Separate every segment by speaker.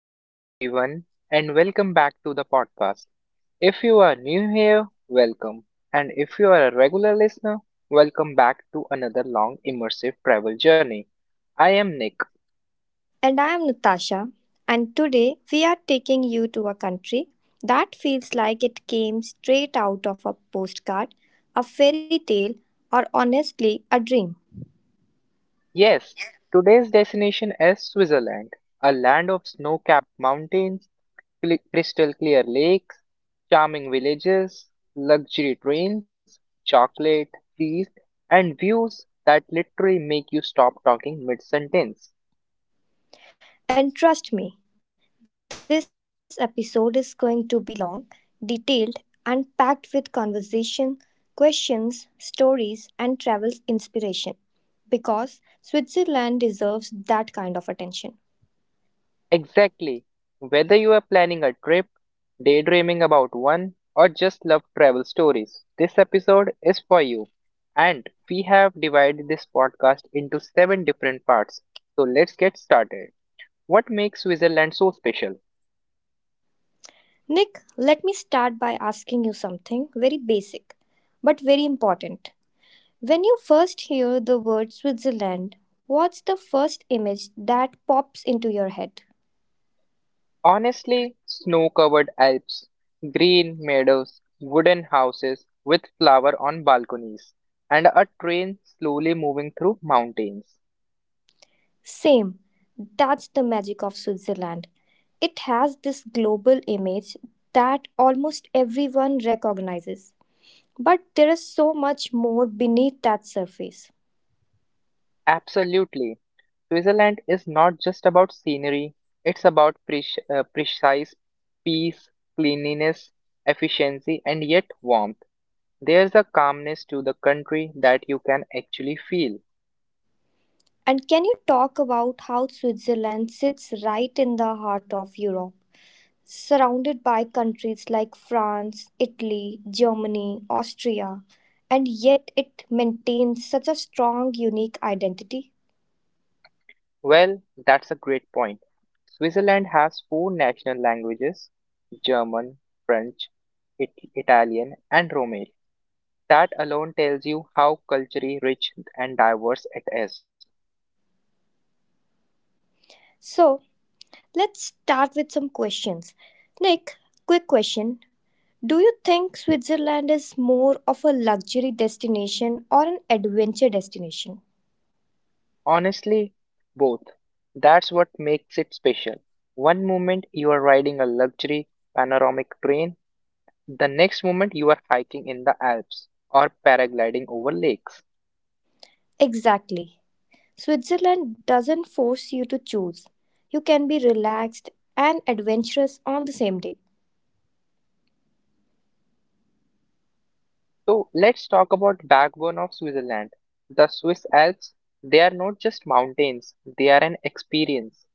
Speaker 1: Hello, everyone, and welcome back to the podcast. If you are new here, welcome. And if you are a regular listener, welcome back to another long immersive travel journey. I am Nick.
Speaker 2: And I am Natasha, and today we are taking you to a country that feels like it came straight out of a postcard, a fairy tale, or honestly, a dream.
Speaker 1: Yes, today's destination is Switzerland, a land of snow capped mountains, crystal clear lakes, charming villages, luxury trains, chocolate, cheese, and views that literally make you stop talking mid sentence.
Speaker 2: And trust me, this episode is going to be long, detailed, and packed with conversation, questions, stories, and travel inspiration because Switzerland deserves that kind of attention.
Speaker 1: Exactly. Whether you are planning a trip, daydreaming about one, or just love travel stories, this episode is for you. And we have divided this podcast into 7 different parts. So let's get started. What makes Switzerland so special?
Speaker 2: Nick, let me start by asking you something very basic but very important. When you first hear the word Switzerland, what's the first image that pops into your head?
Speaker 1: Honestly, snow covered Alps, green meadows, wooden houses with flower on balconies, and a train slowly moving through mountains.
Speaker 2: Same. That's the magic of Switzerland. It has this global image that almost everyone recognizes. But there is so much more beneath that surface.
Speaker 1: Absolutely. Switzerland is not just about scenery, it's about precise peace, cleanliness, efficiency, and yet warmth. There's a calmness to the country that you can actually feel.
Speaker 2: And can you talk about how Switzerland sits right in the heart of Europe, surrounded by countries like France, Italy, Germany, Austria, and yet it maintains such a strong, unique identity?
Speaker 1: Well, that's a great point. Switzerland has four national languages German, French, Italian, and Romance. That alone tells you how culturally rich and diverse it is.
Speaker 2: So, let's start with some questions. Nick, quick question. Do you think Switzerland is more of a luxury destination or an adventure destination?
Speaker 1: Honestly, both. That's what makes it special. One moment you are riding a luxury panoramic train, the next moment you are hiking in the Alps or paragliding over lakes.
Speaker 2: Exactly. Switzerland doesn't force you to choose. You can be relaxed and adventurous on the same day.
Speaker 1: So let's talk about backbone of Switzerland. The Swiss Alps, they are not just mountains, they are an experience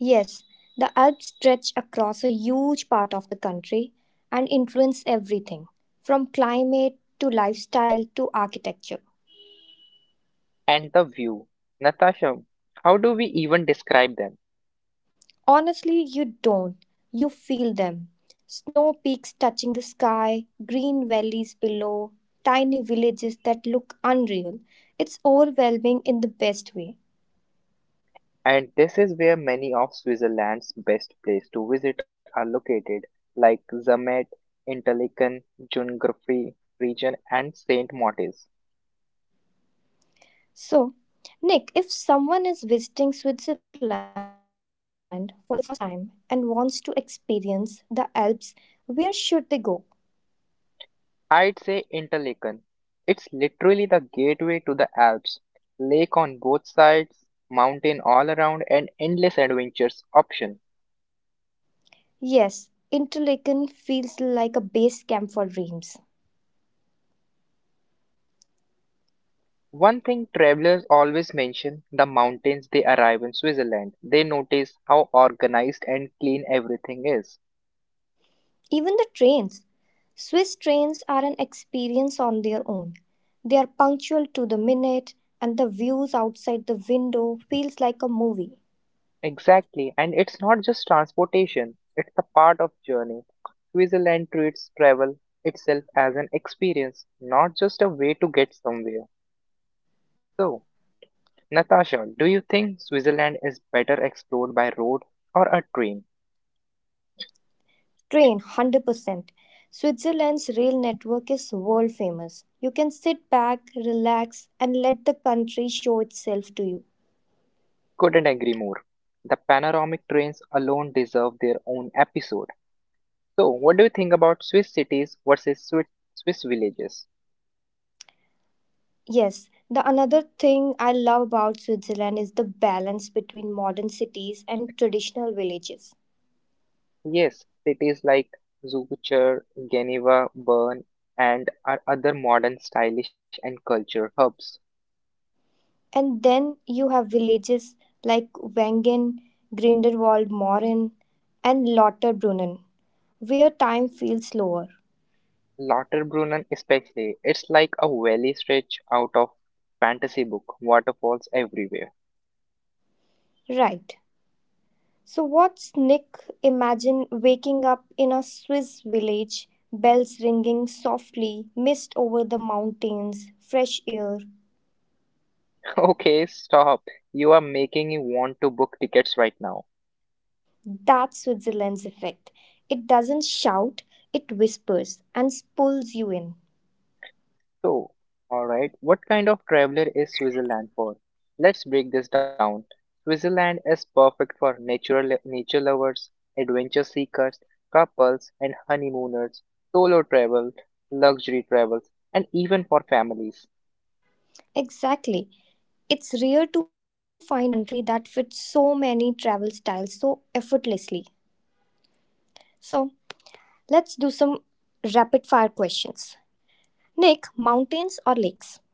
Speaker 2: Yes, the Alps stretch across a huge part of the country and influence everything from climate to lifestyle to architecture.
Speaker 1: and the view. Natasha, how do we even describe them?
Speaker 2: Honestly, you don't. You feel them. Snow peaks touching the sky, green valleys below, tiny villages that look unreal. It's overwhelming in the best way.
Speaker 1: And this is where many of Switzerland's best places to visit are located, like Zermatt, Interlaken, Jungfrau region, and St. Moritz.
Speaker 2: So, Nick, if someone is visiting Switzerland for the first time and wants to experience the Alps, where should they go?
Speaker 1: I'd say Interlaken. It's literally the gateway to the Alps. Lake on both sides, mountain all around, and endless adventures option.
Speaker 2: Yes, Interlaken feels like a base camp for dreams.
Speaker 1: One thing travelers always mention the mountains they arrive in Switzerland. They notice how organized and clean everything is.
Speaker 2: Even the trains. Swiss trains are an experience on their own. They are punctual to the minute, and the views outside the window feels like a movie.
Speaker 1: Exactly, and it's not just transportation, it's a part of journey. Switzerland treats travel itself as an experience, not just a way to get somewhere. So, Natasha, do you think Switzerland is better explored by road or a train?
Speaker 2: Train, 100%. Switzerland's rail network is world famous. You can sit back, relax, and let the country show itself to you.
Speaker 1: Couldn't agree more. The panoramic trains alone deserve their own episode. So, what do you think about Swiss cities versus Swiss villages?
Speaker 2: Yes, the another thing I love about Switzerland is the balance between modern cities and traditional villages.
Speaker 1: Yes, cities like Zugvor, Geneva, Bern, and are other modern stylish and culture hubs.
Speaker 2: And then you have villages like Wengen, Grindelwald, Morin, and Lauterbrunnen, where time feels slower.
Speaker 1: Lauterbrunnen especially, it's like a valley stretch out of fantasy book, waterfalls everywhere.
Speaker 2: Right. So, what's Nick? Imagine waking up in a Swiss village, bells ringing softly, mist over the mountains, fresh air.
Speaker 1: Okay, stop. You are making me want to book tickets right now.
Speaker 2: That's Switzerland's effect. It doesn't shout, it whispers and pulls you in.
Speaker 1: So, alright, what kind of traveler is Switzerland for? Let's break this down. Switzerland is perfect for natural nature lovers, adventure seekers, couples and honeymooners, solo travel, luxury travels, and even for families.
Speaker 2: Exactly. It's rare to find a country that fits so many travel styles so effortlessly. So, let's do some rapid fire questions. Nick, mountains or lakes?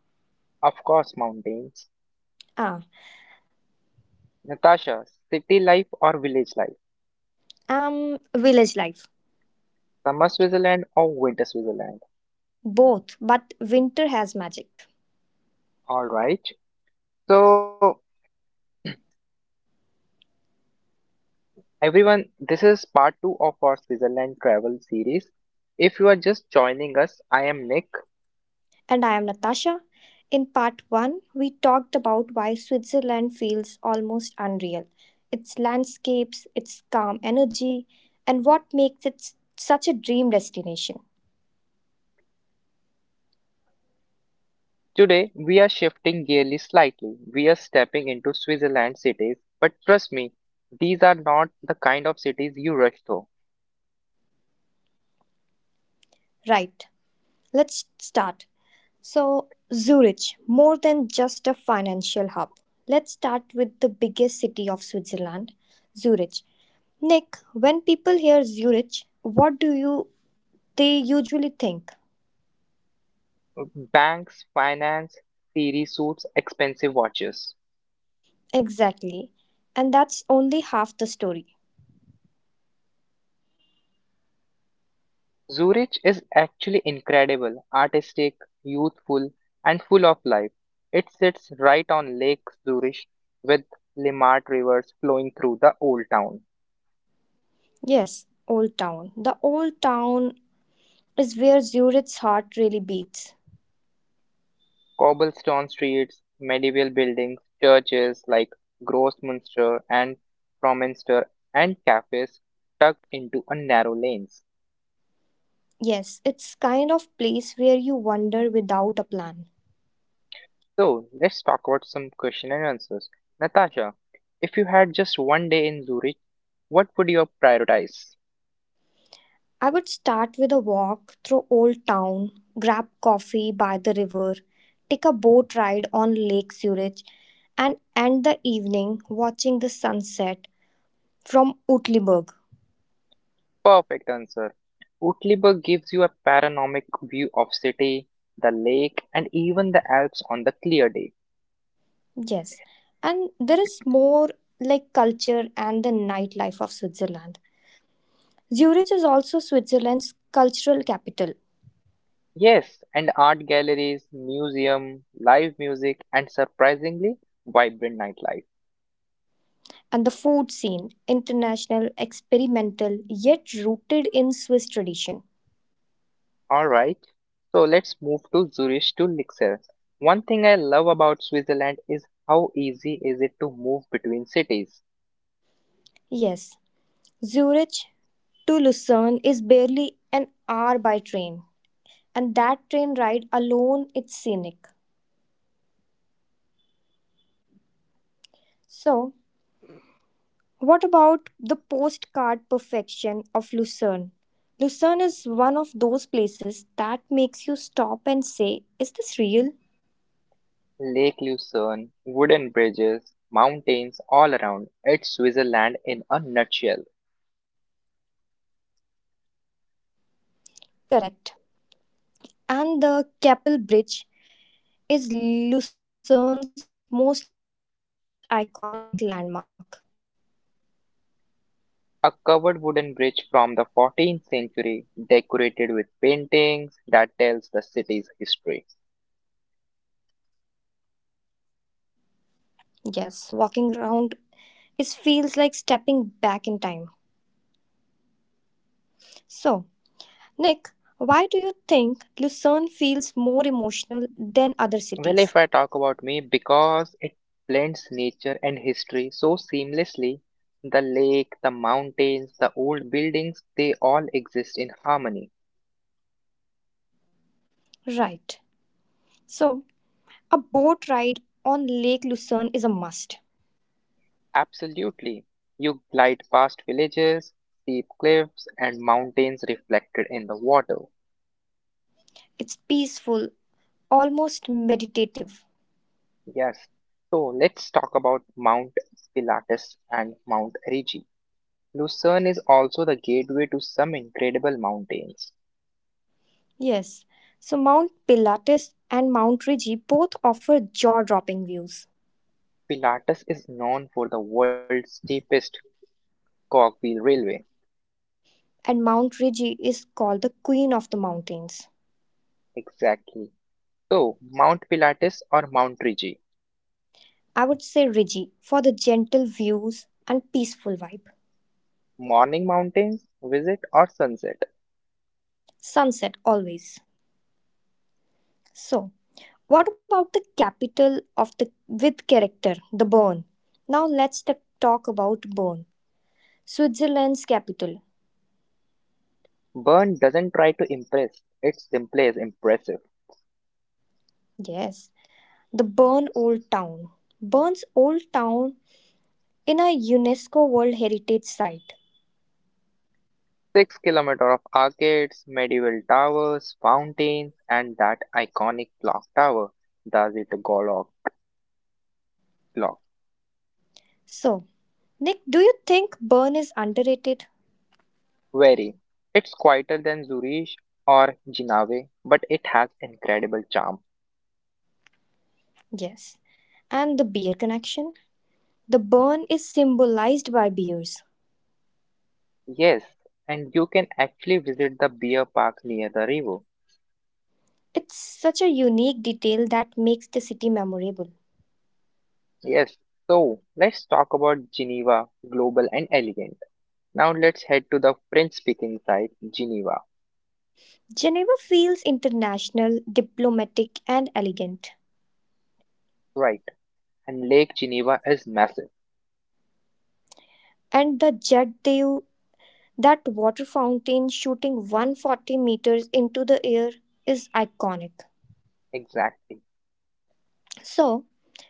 Speaker 1: Of course, mountains.
Speaker 2: Ah,
Speaker 1: Natasha, city life or village life?
Speaker 2: village life.
Speaker 1: Summer Switzerland or winter Switzerland?
Speaker 2: Both, but winter has magic.
Speaker 1: Alright. So everyone. This is part 2 of our Switzerland travel series. If you are just joining us, I am Nick.
Speaker 2: And I am Natasha. In part 1, we talked about why Switzerland feels almost unreal, its landscapes, its calm energy, and what makes it such a dream destination.
Speaker 1: Today we are shifting gearly slightly. We are stepping into Switzerland cities, but trust me, these are not the kind of cities you rush through.
Speaker 2: Right, let's start. So, Zurich, more than just a financial hub. Let's start with the biggest city of Switzerland, Zurich. Nick, when people hear Zurich, what do you they usually think?
Speaker 1: Banks, finance, theory suits, expensive watches.
Speaker 2: Exactly. And that's only half the story.
Speaker 1: Zurich is actually incredible, artistic, youthful, and full of life. It sits right on Lake Zurich with Limmat rivers flowing through the old town.
Speaker 2: Yes, Old Town. The Old Town is where Zurich's heart really beats.
Speaker 1: Cobblestone streets, medieval buildings, churches like Grossmünster and Fromminster, and cafes tucked into a narrow lanes.
Speaker 2: Yes, it's kind of place where you wander without a plan.
Speaker 1: So let's talk about some question and answers. Natasha, if you had just one day in Zurich, what would you prioritize?
Speaker 2: I would start with a walk through Old Town, grab coffee by the river, take a boat ride on Lake Zurich, and end the evening watching the sunset from Utliberg.
Speaker 1: Perfect answer. Utliburg gives you a panoramic view of city, the lake, and even the Alps on the clear day.
Speaker 2: Yes, and there is more, like culture and the nightlife of Switzerland. Zurich is also Switzerland's cultural capital,
Speaker 1: Yes, and art galleries, museum, live music, and surprisingly vibrant nightlife.
Speaker 2: and the food scene, international, experimental, yet rooted in Swiss tradition.
Speaker 1: All right, so let's move to Zurich to Lixer. One thing I love about Switzerland is how easy is it to move between cities.
Speaker 2: Yes, Zurich to Lucerne is barely an hour by train, and that train ride alone is scenic. So, what about the postcard perfection of Lucerne? Lucerne is one of those places that makes you stop and say, "Is this real?"
Speaker 1: Lake Lucerne, wooden bridges, mountains all around. It's Switzerland in a nutshell.
Speaker 2: Correct. And the Keppel Bridge is Lucerne's most iconic landmark.
Speaker 1: A covered wooden bridge from the 14th century decorated with paintings that tells the city's history.
Speaker 2: Yes, walking around it feels like stepping back in time. So, Nick, why do you think Lucerne feels more emotional than other cities?
Speaker 1: Well, if I talk about me because it blends nature and history so seamlessly, the lake, the mountains, the old buildings, they all exist in harmony.
Speaker 2: Right. So, a boat ride on Lake Lucerne is a must.
Speaker 1: Absolutely. You glide past villages, steep cliffs and mountains reflected in the water.
Speaker 2: It's peaceful, almost meditative.
Speaker 1: Yes. So let's talk about Mount Pilatus and Mount Erigi. Lucerne is also the gateway to some incredible mountains.
Speaker 2: Yes, so Mount Pilatus and Mount Rigi both offer jaw dropping views.
Speaker 1: Pilatus is known for the world's steepest cogwheel railway.
Speaker 2: And Mount Rigi is called the Queen of the Mountains.
Speaker 1: Exactly. So, Mount Pilatus or Mount Rigi.
Speaker 2: I would say Rigi for the gentle views and peaceful vibe.
Speaker 1: Morning mountains, visit or sunset.
Speaker 2: Sunset always. So, what about the capital of the with character, the Bern? Now let's talk about Bern, Switzerland's capital.
Speaker 1: Bern doesn't try to impress, it simply is impressive.
Speaker 2: Yes, the Bern Old Town. Bern's Old Town in a UNESCO World Heritage Site.
Speaker 1: 6 km kilometer of arcades, medieval towers, fountains, and that iconic clock tower, the Zitgolov clock.
Speaker 2: So, Nick, do you think Bern is underrated?
Speaker 1: Very. It's quieter than Zurich or Jinawe, but it has incredible charm.
Speaker 2: Yes. And the beer connection? The Bern is symbolized by beers.
Speaker 1: Yes, and you can actually visit the beer park near the river.
Speaker 2: It's such a unique detail that makes the city memorable.
Speaker 1: Yes, so let's talk about Geneva, global and elegant. Now let's head to the French speaking side, Geneva.
Speaker 2: Geneva feels international, diplomatic, and elegant.
Speaker 1: Right, and Lake Geneva is massive.
Speaker 2: And the Jet d'eau, that water fountain shooting 140 meters into the air, is iconic.
Speaker 1: Exactly.
Speaker 2: So,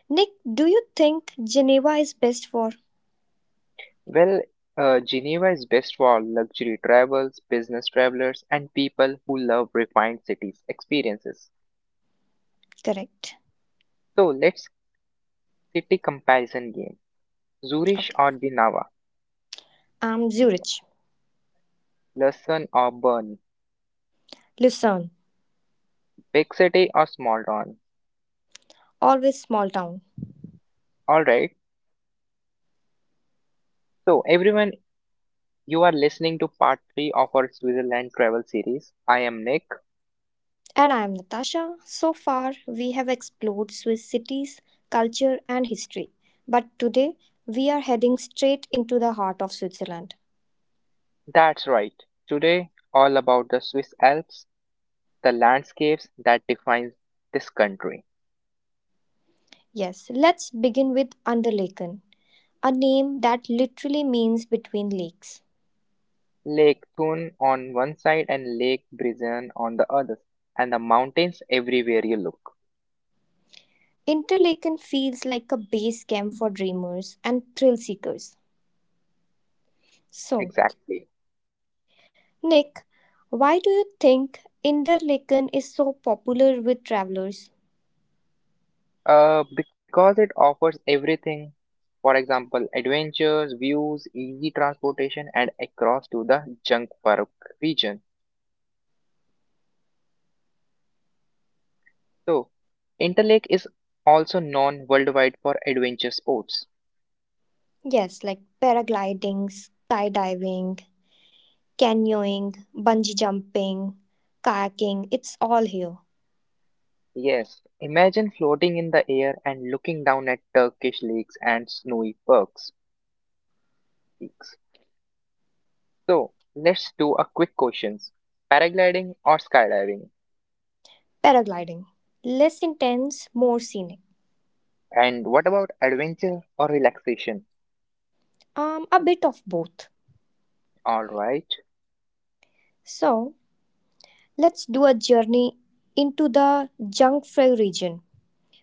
Speaker 2: Nick, do you think Geneva is best for?
Speaker 1: Well, Geneva is best for luxury travels, business travelers, and people who love refined cities experiences.
Speaker 2: Correct.
Speaker 1: So let's City comparison game. Zurich
Speaker 2: Okay.
Speaker 1: or Dinava,
Speaker 2: I'm Zurich,
Speaker 1: Lausanne or Bern,
Speaker 2: Lucerne,
Speaker 1: big city or small town.
Speaker 2: always small town.
Speaker 1: Alright, so everyone, you are listening to part 3 of our Switzerland travel series. I am Nick.
Speaker 2: And I am Natasha. So far, we have explored Swiss cities, culture, and history. But today, we are heading straight into the heart of Switzerland.
Speaker 1: That's right, today, all about the Swiss Alps, the landscapes that defines this country.
Speaker 2: Yes, let's begin with Unterlaken, a name that literally means between lakes.
Speaker 1: Lake Thun on one side and Lake Brison on the other, and the mountains everywhere you look.
Speaker 2: Interlaken feels like a base camp for dreamers and thrill seekers. So,
Speaker 1: Exactly.
Speaker 2: Nick, why do you think Interlaken is so popular with travelers?
Speaker 1: Because it offers everything For example, adventures, views, easy transportation, and across to the Jungpark region. So, Interlake is also known worldwide for adventure sports.
Speaker 2: Yes, like paragliding, skydiving, canyoning, bungee jumping, kayaking, it's all here.
Speaker 1: Yes, imagine floating in the air and looking down at Turkish lakes and snowy peaks. So, let's do a quick questions. Paragliding or skydiving?
Speaker 2: Paragliding. Less intense, more scenic.
Speaker 1: And what about adventure or relaxation?
Speaker 2: A bit of both.
Speaker 1: All right.
Speaker 2: So, let's do a journey into the Jungfrau region.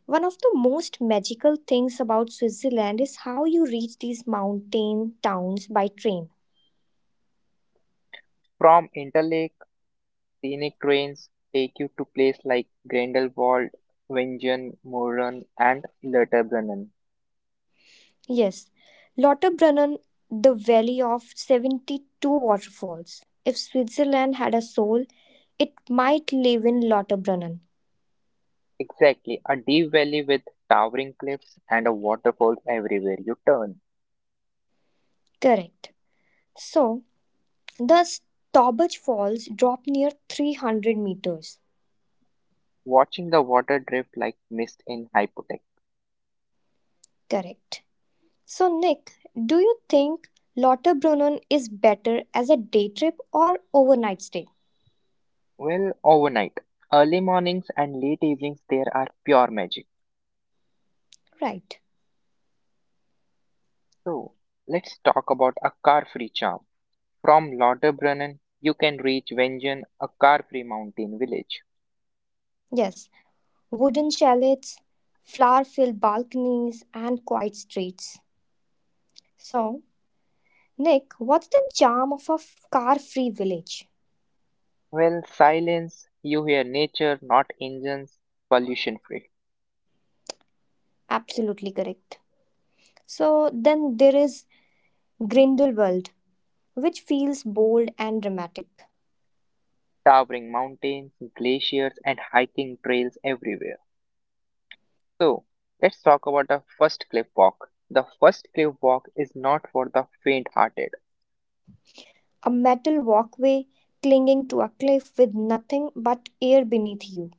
Speaker 2: One of the most magical things about Switzerland is how you reach these mountain towns by train.
Speaker 1: From Interlake Scenic trains take you to places like Grindelwald, Wingen, Murren, and Lauterbrunnen.
Speaker 2: Yes, Lauterbrunnen, the valley of 72 waterfalls. If Switzerland had a soul, it might live in Lauterbrunnen.
Speaker 1: Exactly, a deep valley with towering cliffs and a waterfall everywhere you turn,
Speaker 2: Correct. So, the Staubach Falls drop near 300 meters.
Speaker 1: watching the water drift like mist in hypothec.
Speaker 2: Correct. So, Nick, do you think Lauterbrunnen is better as a day trip or overnight stay?
Speaker 1: Well, overnight, early mornings and late evenings there are pure magic.
Speaker 2: Right.
Speaker 1: So, let's talk about a car-free charm. From Lauterbrunnen, you can reach Wingen, a car-free mountain village.
Speaker 2: Yes. Wooden chalets, flower filled balconies, and quiet streets. So, Nick, what's the charm of a car free village?
Speaker 1: When silence, you hear nature, not engines, pollution free,
Speaker 2: Absolutely correct. So then there is Grindelwald, which feels bold and dramatic.
Speaker 1: towering mountains, glaciers, and hiking trails everywhere. So, let's talk about the first cliff walk. The first cliff walk is not for the faint hearted.
Speaker 2: A metal walkway clinging to a cliff with nothing but air beneath you.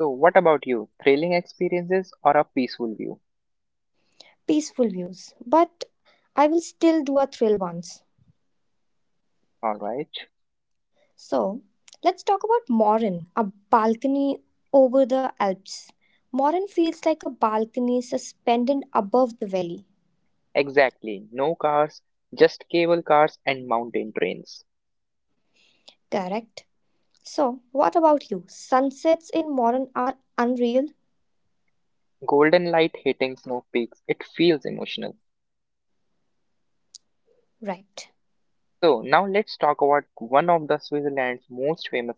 Speaker 1: So, what about you? Thrilling experiences or a peaceful view?
Speaker 2: Peaceful views. But I will still do a thrill once.
Speaker 1: Alright.
Speaker 2: So let's talk about Morin, a balcony over the Alps. Morin feels like a balcony suspended above the valley.
Speaker 1: Exactly. No cars, just cable cars and mountain trains.
Speaker 2: Correct. So, what about you? Sunsets in modern are unreal,
Speaker 1: Golden light hitting snow peaks. It feels emotional.
Speaker 2: right?
Speaker 1: So now let's talk about one of the Switzerland's most famous